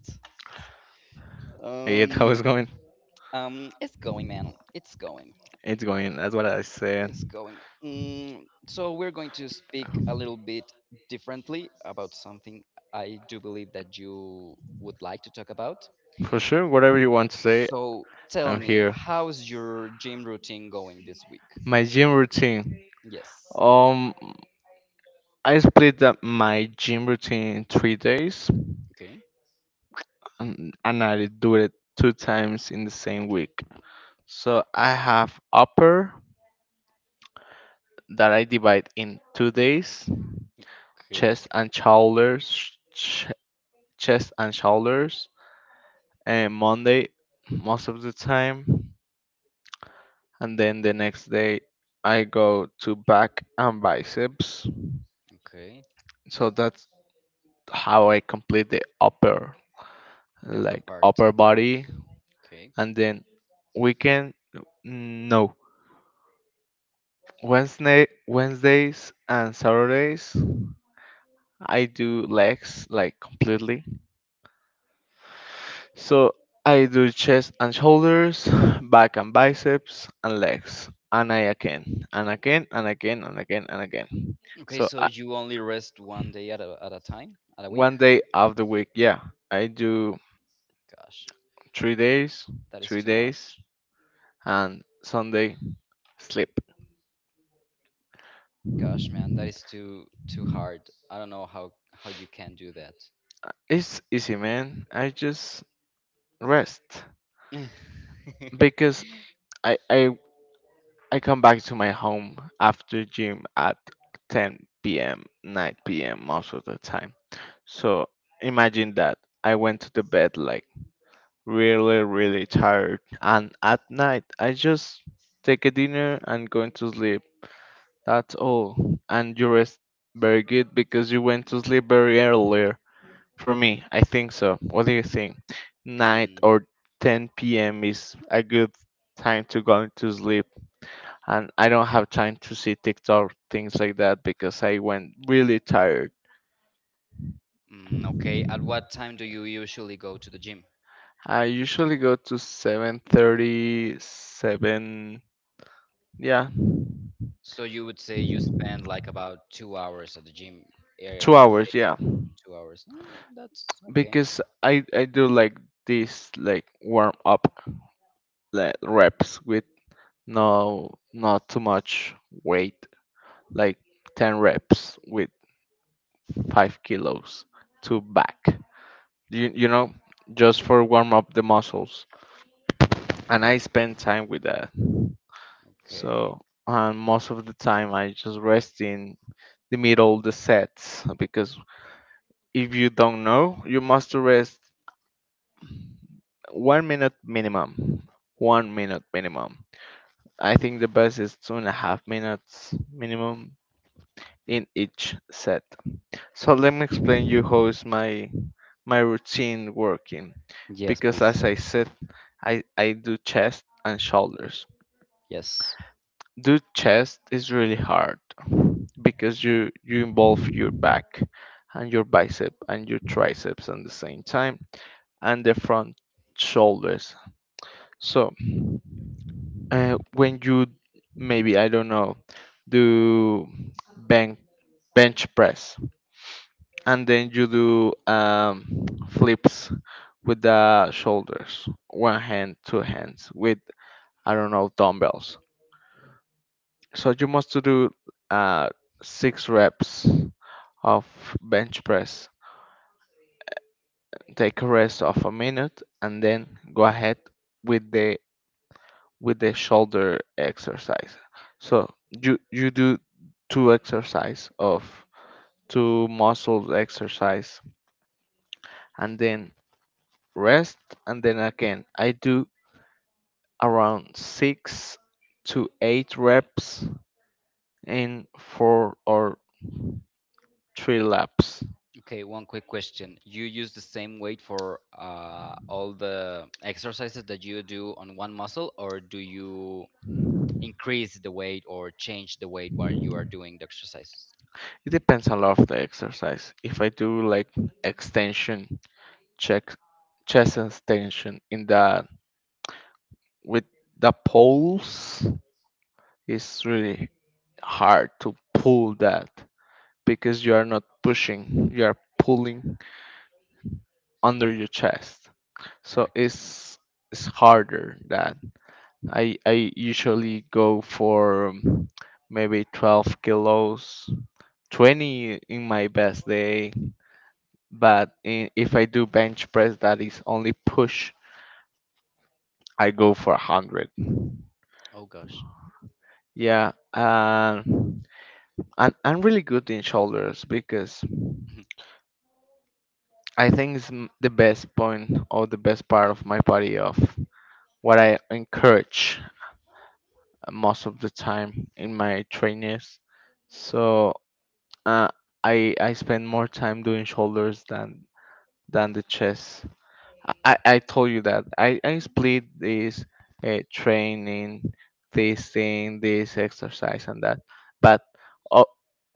It how it's going? It's going, man. It's going. It's going. That's what I said. It's going. So we're going to speak a little bit differently about something I do believe that you would like to talk about. For sure, whatever you want to say, So tell I'm me, here. how's your gym routine going this week? My gym routine. Yes. Um, I split up my gym routine in 3 days, Okay. and I do it two times in the same week. So I have upper that I divide in 2 days, Okay. chest and shoulders, chest and shoulders, and Monday most of the time. And then the next day I go to back and biceps. Okay. So that's how I complete the upper, The upper like part. upper body, and then weekend. No, Wednesday, Wednesdays and Saturdays I do legs like completely. So I do chest and shoulders, back and biceps, and legs, and I again, and again, and again, and again, and again. Okay, So so I, you only rest one day at a time, at a week? one day of the week. Yeah, I do Gosh, 3 days, that is three too days, much. and Sunday sleep. Gosh, man, that is too hard. I don't know how you can do that. It's easy, man. I just rest because I I I come back to my home after gym at 10 p.m., 9 p.m. most of the time. So imagine that I went to the bed like really really tired, and at night I just take a dinner and going to sleep. That's all. And you rest very good because you went to sleep very earlier. For me, I think so. What do you think? 9 Mm, or 10 p.m. is a good time to go to sleep. And I don't have time to see TikTok things like that because I went really tired. Okay, at what time do you usually go to the gym? I usually go to 7:30, 7, yeah, So you would say you spend like about 2 hours at the gym, 2 each hours, day, yeah. 2 hours. That's okay. Because I do like this like warm up like reps with no, not too much weight, like 10 reps with 5 kilos to back. You, you know, just for warm up the muscles. And I spend time with that. Okay. So, and most of the time I just rest in the middle of the sets because if you don't know, you must rest 1 minute minimum. 1 minute minimum. I think the best is 2.5 minutes minimum in each set. So let me explain you how is my routine working. Yes, Because please. as I said, I do chest and shoulders. Yes. Do chest is really hard because you involve your back and your bicep and your triceps at the same time and the front shoulders. So when you maybe I don't know do bench bench press and then you do flips with the shoulders, one hand, two hands, with I don't know dumbbells. So you must to do uh, six reps of bench press. Take a rest of a minute, and then go ahead with the with the shoulder exercise. So you do two exercise of two muscle exercise, and then rest, and then again I do around 6 to 8 reps in 4 or 3 laps. Okay, one quick question. You use the same weight for all the exercises that you do on one muscle, or do you increase the weight or change the weight while you are doing the exercises? It depends a lot of the exercise. If I do like extension, check chest extension in the with the poles, it's really hard to pull that because you are not pushing, you are pulling under your chest. So Correct. it's harder than I usually go for maybe 12 kilos, 20 in my best day. But if I do bench press, that is only push, I go for 100. Oh gosh. Yeah, and I'm really good in shoulders because I think it's the best point or the best part of my body of what I encourage most of the time in my trainers. So Uh, I spend more time doing shoulders than the chest. I told you that I split this training, this thing, this exercise and that. But uh,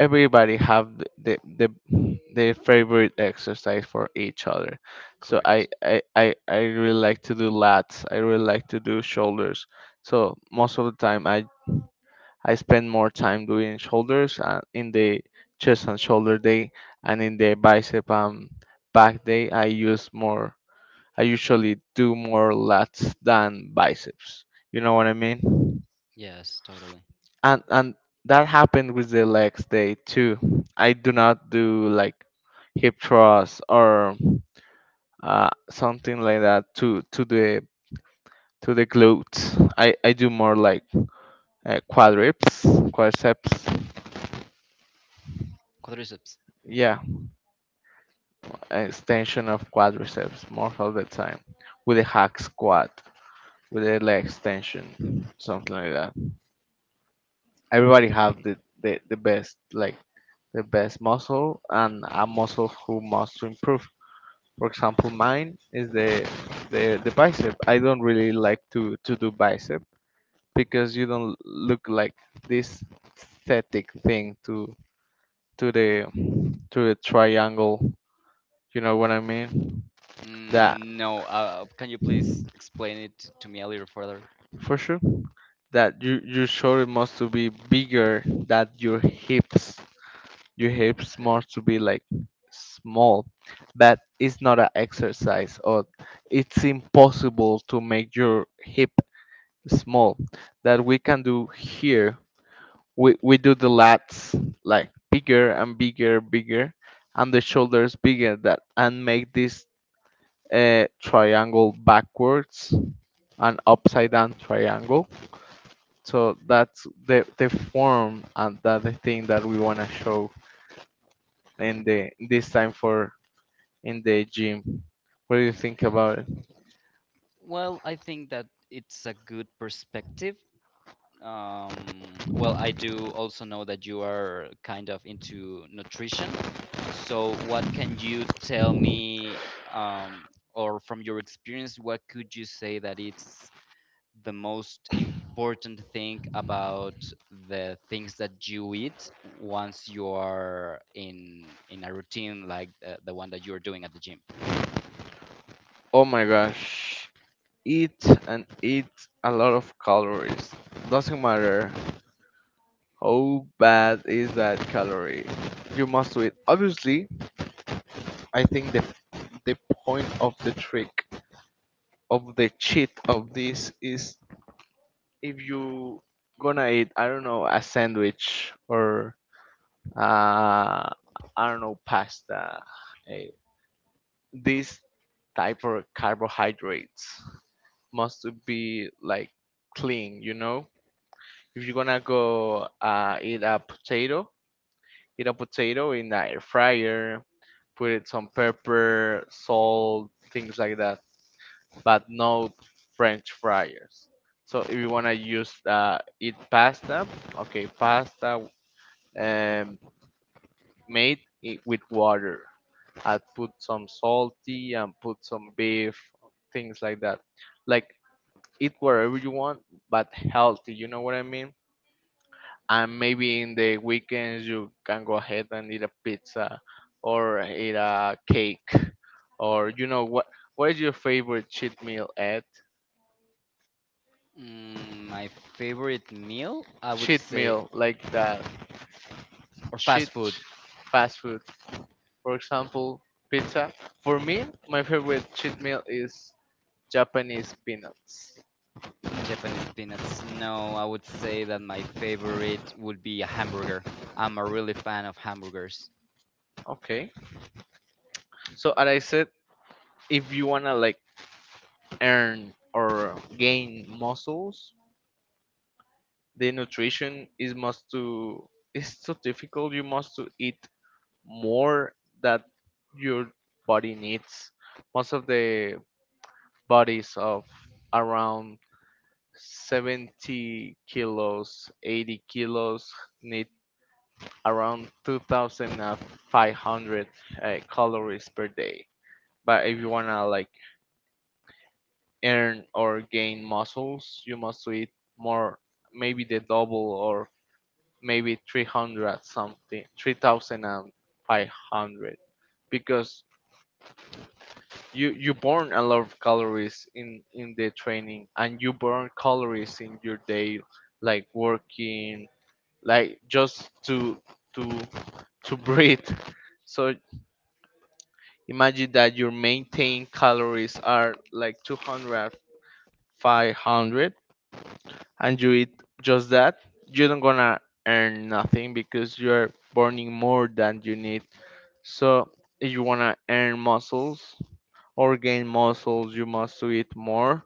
everybody have their favorite exercise for each other. So I, Correct. I I I really like to do lats. I really like to do shoulders. So most of the time I spend more time doing shoulders in the chest and shoulder day, and in the bicep and back day, I use more. I usually do more lats than biceps. You know what I mean? Yes, totally. And that happened with the legs day too. I do not do like hip thrust or something like that to to the glutes. I do more like uh, quadrips, quadriceps. Quadriceps. Yeah. Extension of quadriceps most of the time with a hack squat, with a leg extension, something like that. Everybody have Okay. the best like the best muscle and a muscle who must to improve, for example mine is the bicep. I don't really like to do bicep because you don't look like this static thing to to the to the triangle. You know what I mean? That Mm, no. Can you please explain it to me a little further? for sure that your shoulder must to be bigger than your hips. Your hips Okay. must to be like small, but it's not an exercise or it's impossible to make your hip small. That we can do here. We do the lats like bigger and bigger, bigger, and the shoulders bigger that and make this triangle backwards and upside down triangle. So that's the form and that's the thing that we wanna show in the this time for in the gym. What do you think Okay. about it? Well, I think that it's a good perspective. Well, I do also know that you are kind of into nutrition. So, what can you tell me, um, or from your experience, what could you say that it's the most important thing about the things that you eat once you are in a routine like the one that you're doing at the gym? Oh my gosh. Eat and eat a lot of calories. Doesn't matter how bad is that calorie. You must do it. Obviously, I think the point of the trick of the cheat of this is if you gonna eat, I don't know, a sandwich or uh, I don't know, pasta, uh, this type of carbohydrates must be like clean, you know? If you're gonna go eat a potato in the air fryer, put it some pepper, salt, things like that, but no French fryers. So if you wanna use eat pasta, okay, pasta um, made it with water, I put some salty and put some beef, things like that. Like eat whatever you want, but healthy. You know what I mean? And maybe in the weekends you can go ahead and eat a pizza or eat a cake or you know what? What is your favorite cheat meal? At Mm, my favorite meal, I would cheat say, meal like that, or fast cheat food. fast food. For example, pizza. For me, my favorite cheat meal is Japanese peanuts. Japanese peanuts. No, I would say that my favorite would be a hamburger. I'm a really fan of hamburgers. Okay. So as I said, if you wanna like earn or gain muscles, the nutrition is must to is so difficult. You must to eat more that your body needs. Most of the bodies of around 70 kilos, 80 kilos need around 2,500 calories per day. But if you wanna like earn or gain muscles, you must eat more, maybe the double or maybe 300 something, 3,500 because you burn a lot of calories in the training and you burn calories in your day like working like just to to breathe, so imagine that your maintained calories are like 200 500 and you eat just that, you don't gonna earn nothing because you're burning more than you need. So if you wanna earn muscles or gain muscles, you must to eat more.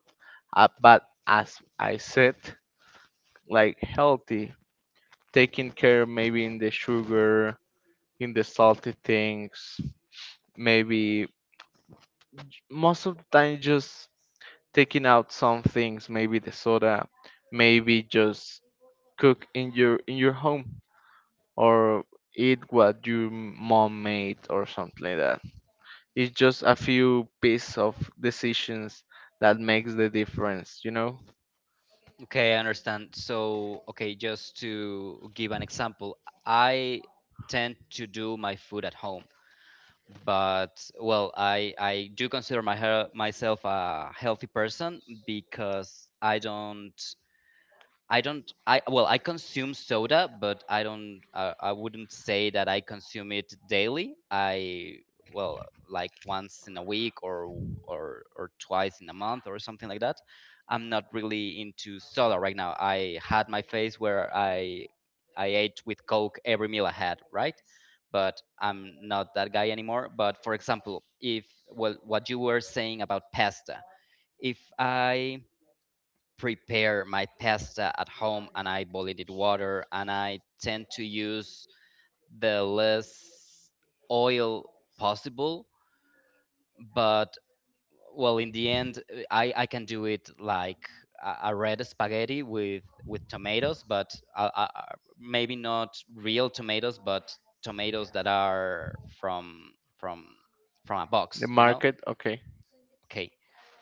But as I said, like healthy, taking care maybe in the sugar, in the salty things, maybe most of the time just taking out some things, maybe the soda, maybe just cook in your home or eat what your mom made or something like that. It's just a few pieces of decisions that makes the difference, you know? Okay, I understand. So, okay, just to give an example, I tend to do my food at home, but well, I do consider myself a healthy person because I don't I well, I consume soda, but I don't, I wouldn't say that I consume it daily. I Well, like once in a week, or or twice in a month or something like that. I'm not really into soda right now. I had my phase where I ate with Coke every meal I had, right? But I'm not that guy anymore. But for example, if well, what you were saying about pasta, if I prepare my pasta at home and I boil it in water and I tend to use the less oil possible. But well, in the end, I can do it like a red spaghetti with tomatoes, but maybe not real tomatoes, but tomatoes that are from from from a The box. market, okay. Okay,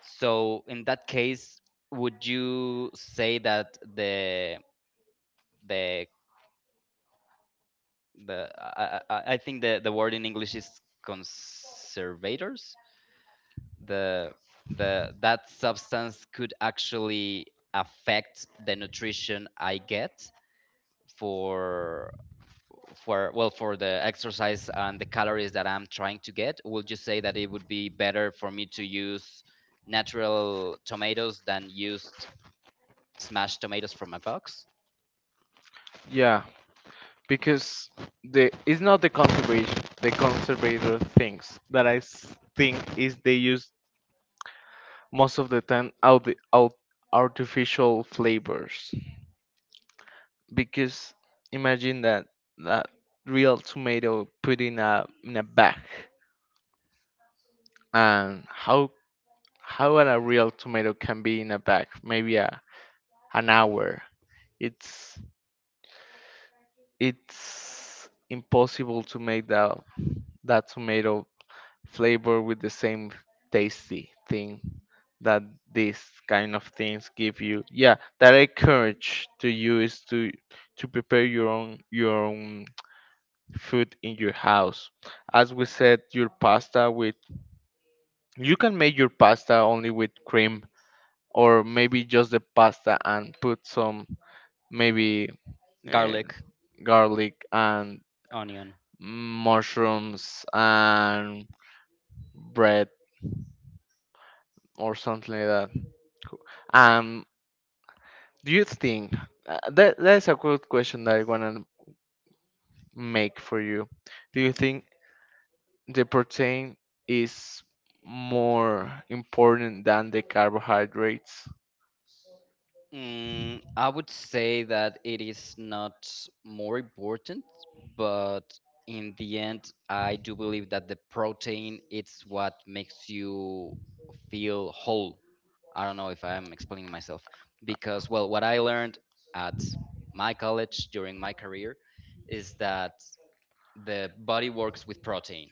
so in that case, would you say that the the I think the word in English is conservators? The the that substance could actually affect the nutrition I get, for for well, for the exercise and the calories that I'm trying to get. Would you say that it would be better for me to use natural tomatoes than used smashed tomatoes from a box? Yeah, because the it's not the conservation the conservator things that I think is they use most of the time out the out artificial flavors. Because imagine that that real tomato put in a bag. And how a real tomato can be in a bag maybe an hour, it's it's impossible to make that that tomato flavor with the same tasty thing that these kind of things give you. Yeah, that I encourage to you is to prepare your own food in your house, as we said your pasta with you can make your pasta only with cream or maybe just the pasta and put some maybe uh, Garlic, garlic and onion. mushrooms and bread or something like that. Um, do you think that that is a good question that I wanna make for you? Do you think the protein is more important than the carbohydrates? I would say that it is not more important, but in the end, I do believe that the protein it's what makes you feel whole. I don't know if I am explaining myself, because well, what I learned at my college during my career is that the body works with protein.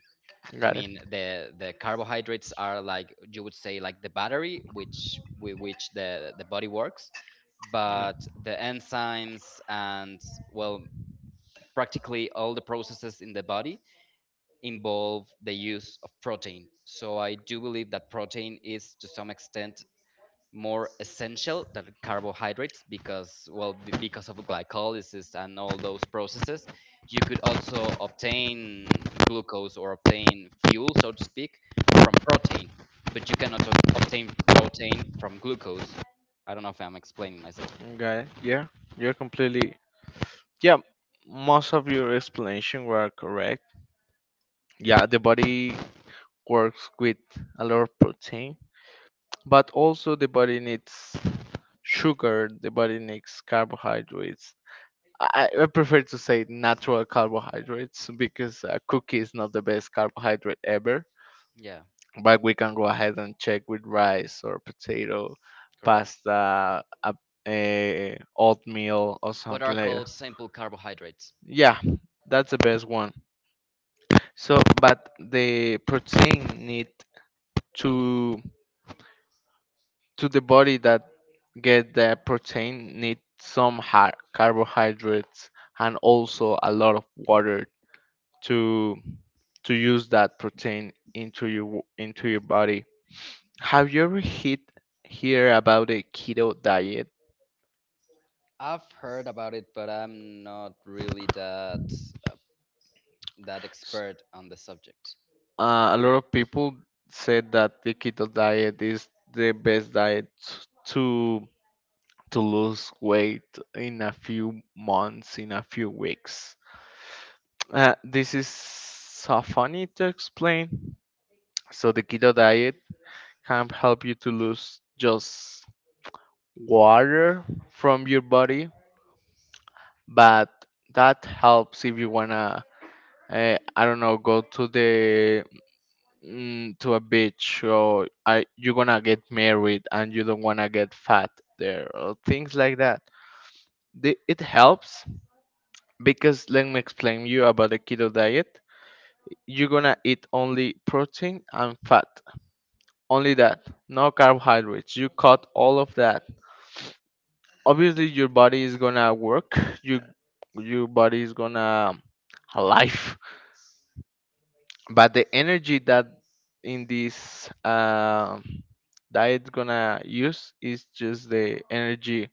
I Got it. mean, the carbohydrates are, like you would say, like the battery which with which the body works, Yeah. but the enzymes and, well, practically all the processes in the body involve the use of protein. So I do believe that protein is, to some extent, more essential than carbohydrates, because, because of glycolysis and all those processes, you could also obtain glucose or obtain fuel, so to speak, from protein, but you cannot obtain protein from glucose. I don't know if I'm explaining myself. Got it. Yeah, you're completely yeah, most of your explanation were correct. Yeah, the body works with a lot of protein, but also the body needs sugar, the body needs carbohydrates. I prefer to say natural carbohydrates because a cookie is not the best carbohydrate ever. Yeah. But we can go ahead and check with rice or potato, Correct. pasta, a oatmeal or What something are like that. called simple carbohydrates. Yeah, that's the best one. So, but the protein need to to the body that get the protein need some har carbohydrates and also a lot of water to to use that protein into into your body. Have you ever hit hear about a keto diet? I've heard about it, but I'm not really uh, that S- expert on the subject. A lot of people said that the keto diet is the best diet to to lose weight in a few months, in a few weeks. This is so funny to explain. So, the keto diet can help you to lose just water from your body, but that helps if you wanna, I don't know, go to the to a beach or I, you're gonna get married and you don't wanna get fat there or things like that. It helps. Because let me explain you about the keto diet. You're gonna eat only protein and fat. Only that. No carbohydrates. You cut all of that. Obviously your body is gonna work. You your body is gonna alive. But the energy that in this diet gonna use is just the energy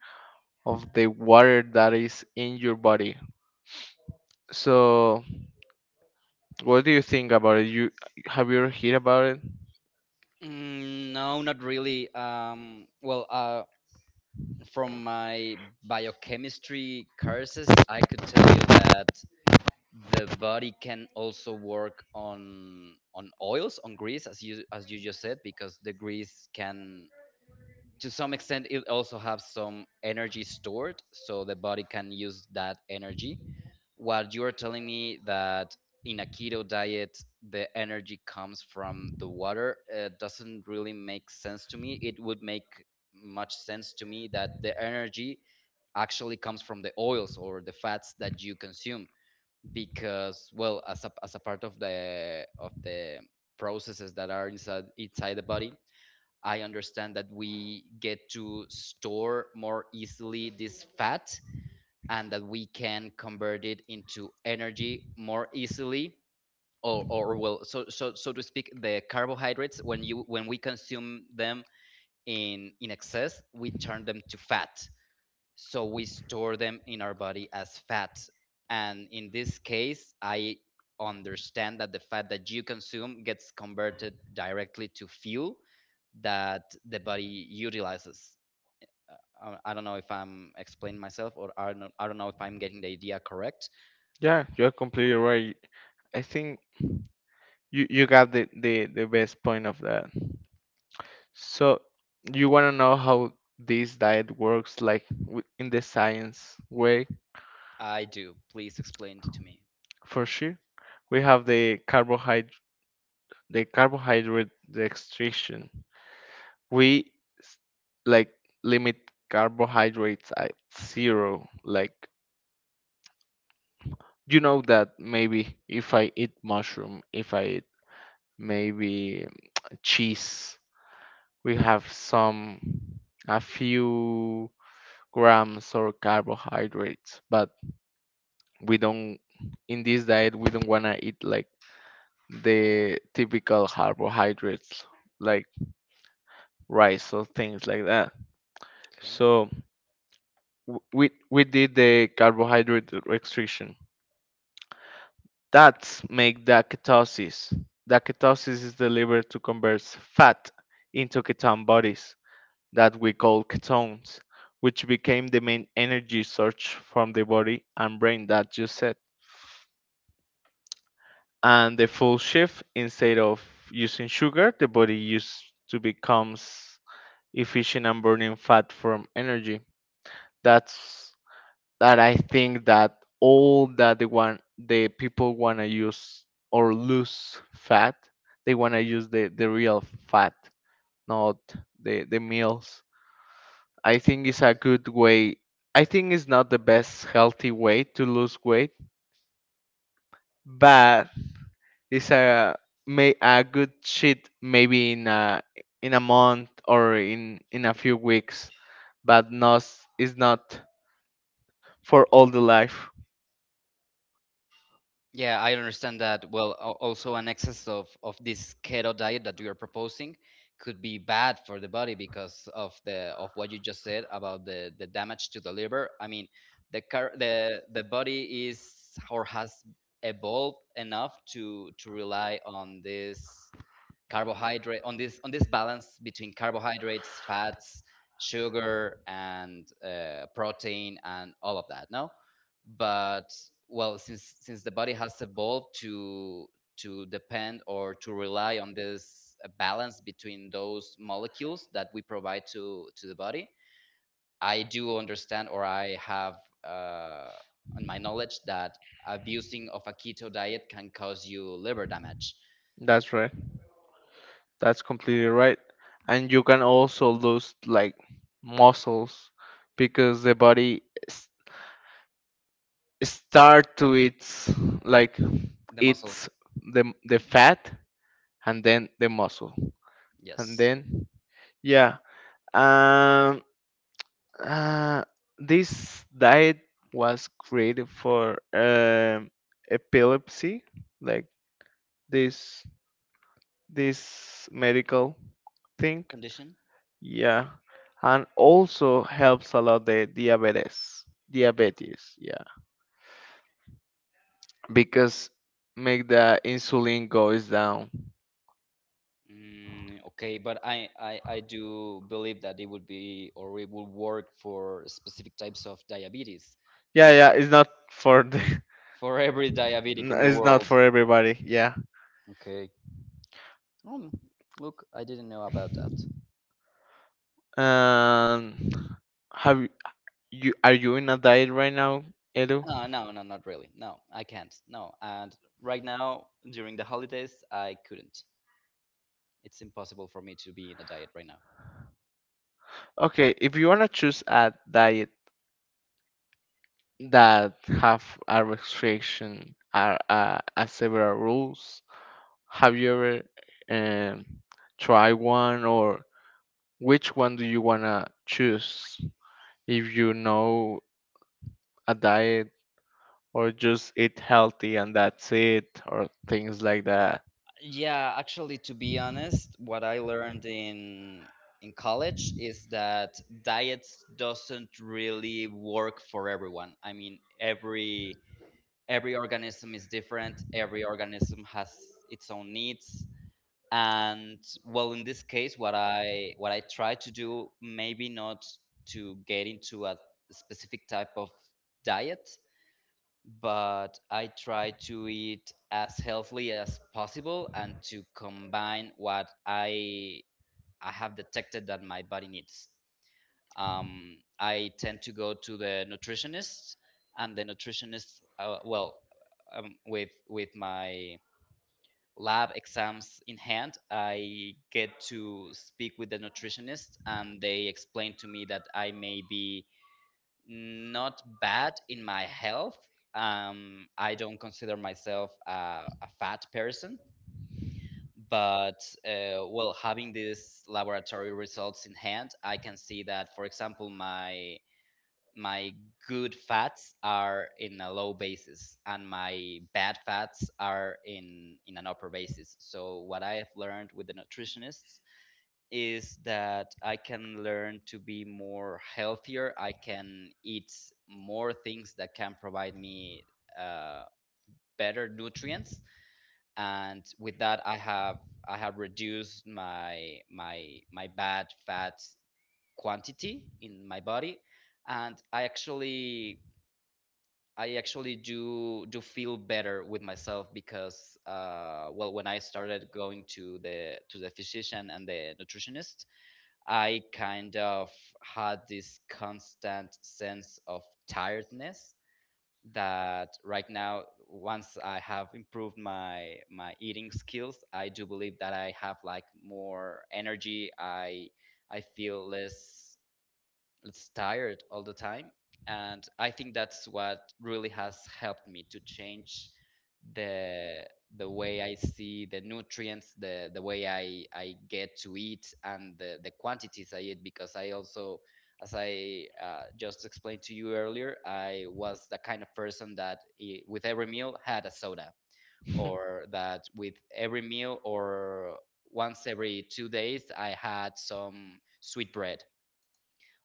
of the water that is in your body. So what do you think about it? You have you ever heard about it? Mm, no, not really. Well, from my biochemistry courses, I could tell you that the body can also work on oils, on grease, as you just said, because the grease can, to some extent, it also have some energy stored, so the body can use that energy. What you are telling me, that in a keto diet the energy comes from the water, doesn't really make sense to me. It would make much sense to me that the energy actually comes from the oils or the fats that you consume, because, well, as a, part of the processes that are inside the body, I understand that we get to store more easily this fat, and that we can convert it into energy more easily. Or well, so to speak, the carbohydrates, when we consume them in excess, we turn them to fat, so we store them in our body as fat. And in this case, I understand that the fat that you consume gets converted directly to fuel that the body utilizes. I don't know if I'm explaining myself, or I don't know if I'm getting the idea correct. Yeah, you're completely right. I think you got the best point of that. So you want to know how this diet works, in the science way, I do. Please explain it to me. for sure. We have the carbohydrate restriction. We s- like limit carbohydrates at zero. Like you know that maybe if I eat mushroom, if I eat maybe cheese we have some a few grams or carbohydrates but we don't in this diet we don't want to eat like the typical carbohydrates like rice or things like that. Okay. So we did the carbohydrate restriction. That's make the ketosis. The ketosis is the liver to convert fat into ketone bodies that we call ketones, which became the main energy source from the body and brain that you said. And the full shift, instead of using sugar, the body used to becomes efficient and burning fat from energy. That's that I think that all that the one the people wanna use or lose fat, they wanna use the real fat, not the meals. I think it's a good way. I think it's not the best healthy way to lose weight, but it's a may a good cheat maybe in a month or in a few weeks, but not it's not for all the life. Yeah, I understand that. Well, also, an excess of this keto diet that you are proposing could be bad for the body because of what you just said about the damage to the liver. I mean, the car, the body is or has evolved enough to rely on this balance between carbohydrates, fats, sugar, and protein, and all of that. No, but, well, since the body has evolved to depend or to rely on this, balance between those molecules that we provide to the body, I do understand, or I have, uh, on my knowledge, that abusing of a keto diet can cause you liver damage. That's right. That's completely right. And you can also lose like muscles because the body s- start to its like The muscle. eats the fat and then the muscle and Yes. then yeah um uh, this diet was created for epilepsy like this this medical thing. Condition. Yeah, and also helps a lot the diabetes, diabetes, yeah, because make the insulin goes down. Okay, but I do believe that it would be, or it will work, for specific types of diabetes, Yeah, yeah, it's not for the for every diabetic in the it's not world. for everybody, yeah. Okay. Um, Look, I didn't know about that. Um, have y- you are you in a diet right now, Edu? No, no, no, not really. No, I can't. No, and right now during the holidays, I couldn't. It's impossible for me to be in a diet right now. Okay, if you wanna choose a diet that have a restriction or a several rules, have you ever um tried one or which one do you wanna choose? If you know a diet or just eat healthy and that's it or things like that. Yeah, actually, to be honest, what I learned in college is that diets doesn't really work for everyone. I mean, every organism is different. Every organism has its own needs. And, well, in this case, what I try to do, maybe not to get into a specific type of diet, but I try to eat as healthily as possible, and to combine what I have detected that my body needs. I tend to go to the nutritionist, and the nutritionist, well, with my lab exams in hand, I get to speak with the nutritionist, and they explain to me that I may be not bad in my health. I don't consider myself a, fat person, but, well, having these laboratory results in hand, I can see that, for example, my good fats are in a low basis and my bad fats are in an upper basis. So what I have learned with the nutritionists is that I can learn to be more healthier. I can eat more things that can provide me, uh, better nutrients, and with that I have reduced my bad fat quantity in my body. And I actually do feel better with myself, because, well, when I started going to the physician and the nutritionist, I kind of had this constant sense of tiredness, that right now, once I have improved my eating skills, I do believe that I have like more energy. I feel less it's tired all the time. And I think that's what really has helped me to change the the way I see the nutrients, the way I get to eat, and the quantities I eat. Because I also, as I, just explained to you earlier, I was the kind of person that, with every meal had a soda, or that with every meal, or once every 2 days, I had some sweet bread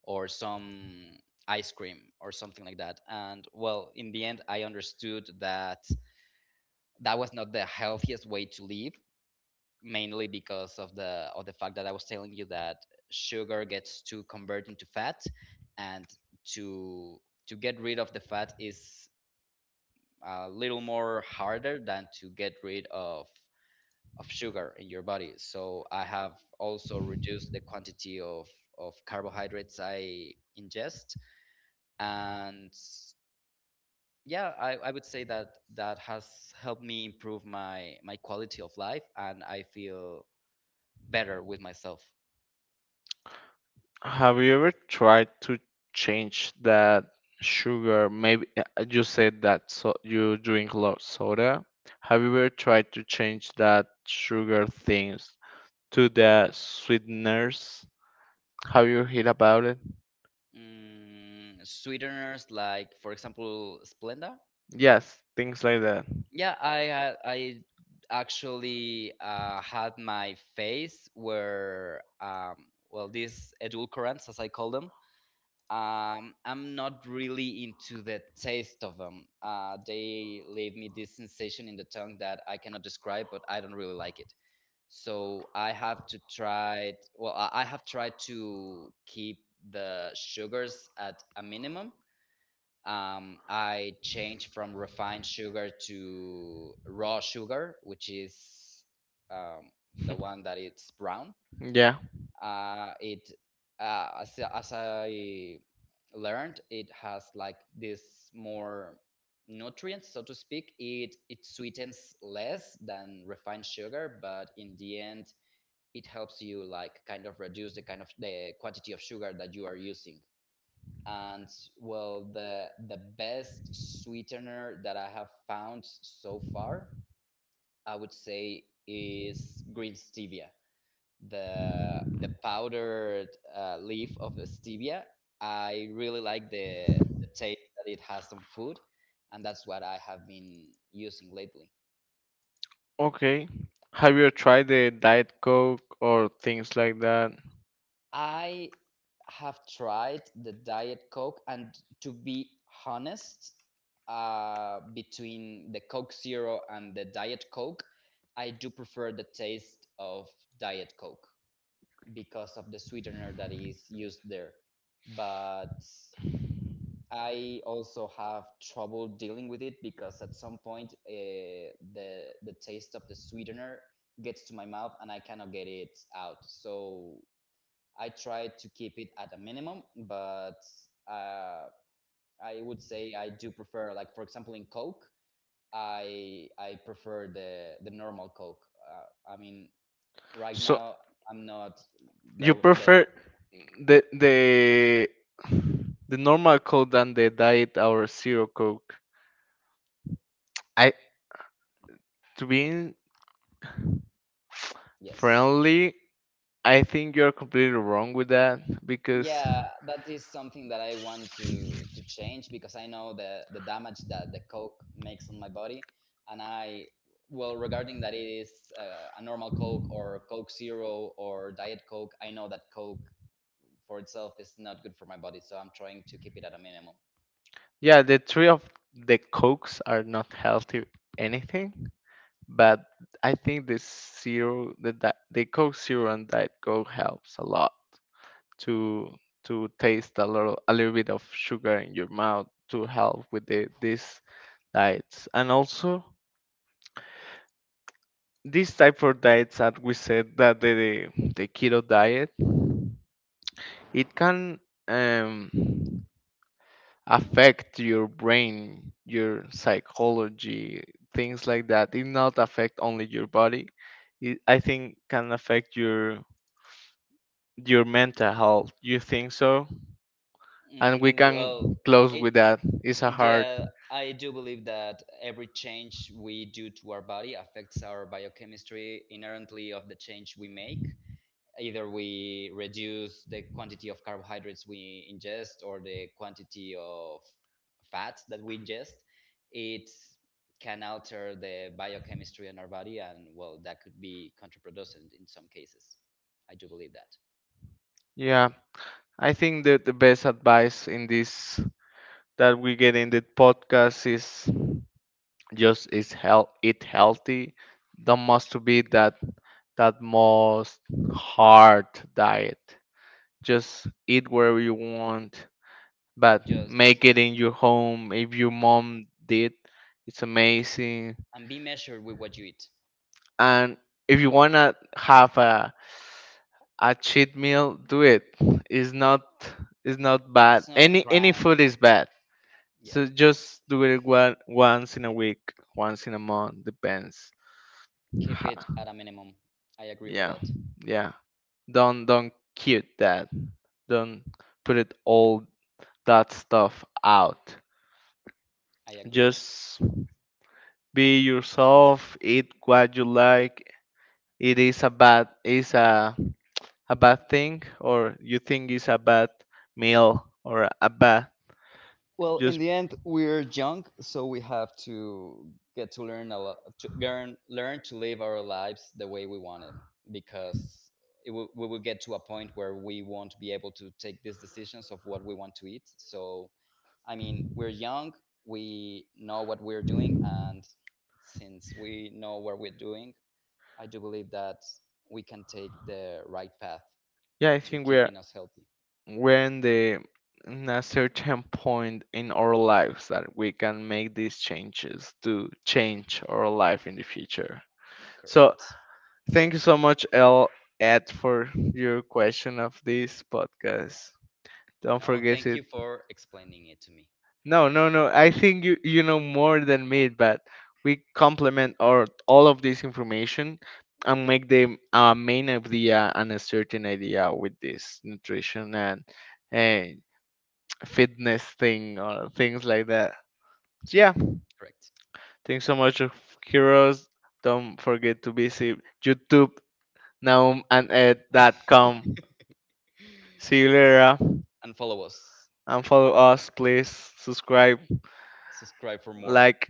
or some ice cream or something like that. And well, in the end, I understood that that was not the healthiest way to live, mainly because of the fact that I was telling you that sugar gets to convert into fat, and to to get rid of the fat is a little more harder than to get rid of sugar in your body. So I have also reduced the quantity of carbohydrates I ingest and yeah I would say that that has helped me improve my my quality of life and I feel better with myself. Have you ever tried to change that sugar? Maybe you said that so you drink a lot of soda. Have you ever tried to change that sugar things to the sweeteners? Have you heard about it? Mm, sweeteners like for example Splenda. Yes, things like that. Yeah, I actually had my phase where well these edulcorants, as I call them, I'm not really into the taste of them. They leave me this sensation in the tongue that I cannot describe, but I don't really like it. So I have to try, well I have tried to keep the sugars at a minimum. I changed from refined sugar to raw sugar, which is um, the one that it's brown. Yeah. Uh, it as I learned, it has like this more nutrients, so to speak. It sweetens less than refined sugar, but in the end it helps you like kind of reduce the kind of the quantity of sugar that you are using. And well, the best sweetener that I have found so far, I would say, is green stevia, the powdered leaf of the stevia. I really like the taste that it has on food, and that's what I have been using lately. Okay. Have you tried the Diet Coke or things like that? I have tried the Diet Coke, and to be honest, between the Coke Zero and the Diet Coke, I do prefer the taste of Diet Coke because of the sweetener that is used there. But I also have trouble dealing with it, because at some point the taste of the sweetener gets to my mouth and I cannot get it out. So I try to keep it at a minimum, but uh, I would say I do prefer, like for example, in Coke, I prefer the normal Coke. I mean, right So now I'm not you the the. prefer the the the normal Coke than the Diet or Zero Coke. I To be Yes. friendly, I think you're completely wrong with that because Yeah, that is something that I want to change, because I know the damage that the Coke makes on my body, and I, well, regarding that, it is a normal Coke or Coke Zero or Diet Coke. I know that Coke for itself is not good for my body, so I'm trying to keep it at a minimum. yeah, the three of the Cokes are not healthy anything. But I think the Zero, the Coke Zero and Diet Coke helps a lot to to taste a little bit of sugar in your mouth to help with the these diets and also these type of diets that we said that the keto diet it can um, affect your brain, your psychology, things like that. It not affect only your body. It, I think can affect your mental health. You think so? And we Mm, can well, close it with that. It's a hard. yeah, I do believe that every change we do to our body affects our biochemistry inherently of the change we make. Either we reduce the quantity of carbohydrates we ingest or the quantity of fats that we ingest, it can alter the biochemistry in our body, and well, that could be counterproducent in some cases. I do believe that. Yeah, I think that the best advice in this that we get in the podcast is just is health eat healthy. Don't must to be that that most hard diet. Just eat wherever you want, but Just make it in your home. If your mom did, it's amazing. and be measured with what you eat. And if you wanna have a cheat meal do it, it's not, it's not bad, It's not a any crime. food is bad, Yep. so just do it one, once in a week, once in a month depends. Keep it Ha- at a minimum. I agree with yeah, that. yeah, don't cute that, don't put it all that stuff out, I agree. just be yourself, eat what you like, it is a bad thing or you think it's a bad meal or a bad. Well, in Just the end, we're young, so we have to get to learn a lot, to learn, learn to live our lives the way we want it, because it will, we will get to a point where we won't be able to take these decisions of what we want to eat. So I mean, we're young, we know what we're doing, and since we know what we're doing, I do believe that we can take the right path yeah, I to think keeping us healthy. we're in the in a certain point in our lives that we can make these changes to change our life in the future. So Correct. thank you so much, L Ed, for your question of this podcast. Don't No, forget thank you it. for explaining it to me. No, no, no. I think you you know more than me, but we complement our all of this information and make the main idea and a certain idea with this nutrition and uh, fitness thing or things like that. So, yeah, Correct. thanks so much, of Heroes. Don't forget to visit YouTube NaumandEd.com. See you later, And follow us. and follow us, please. Subscribe, Subscribe for more. like.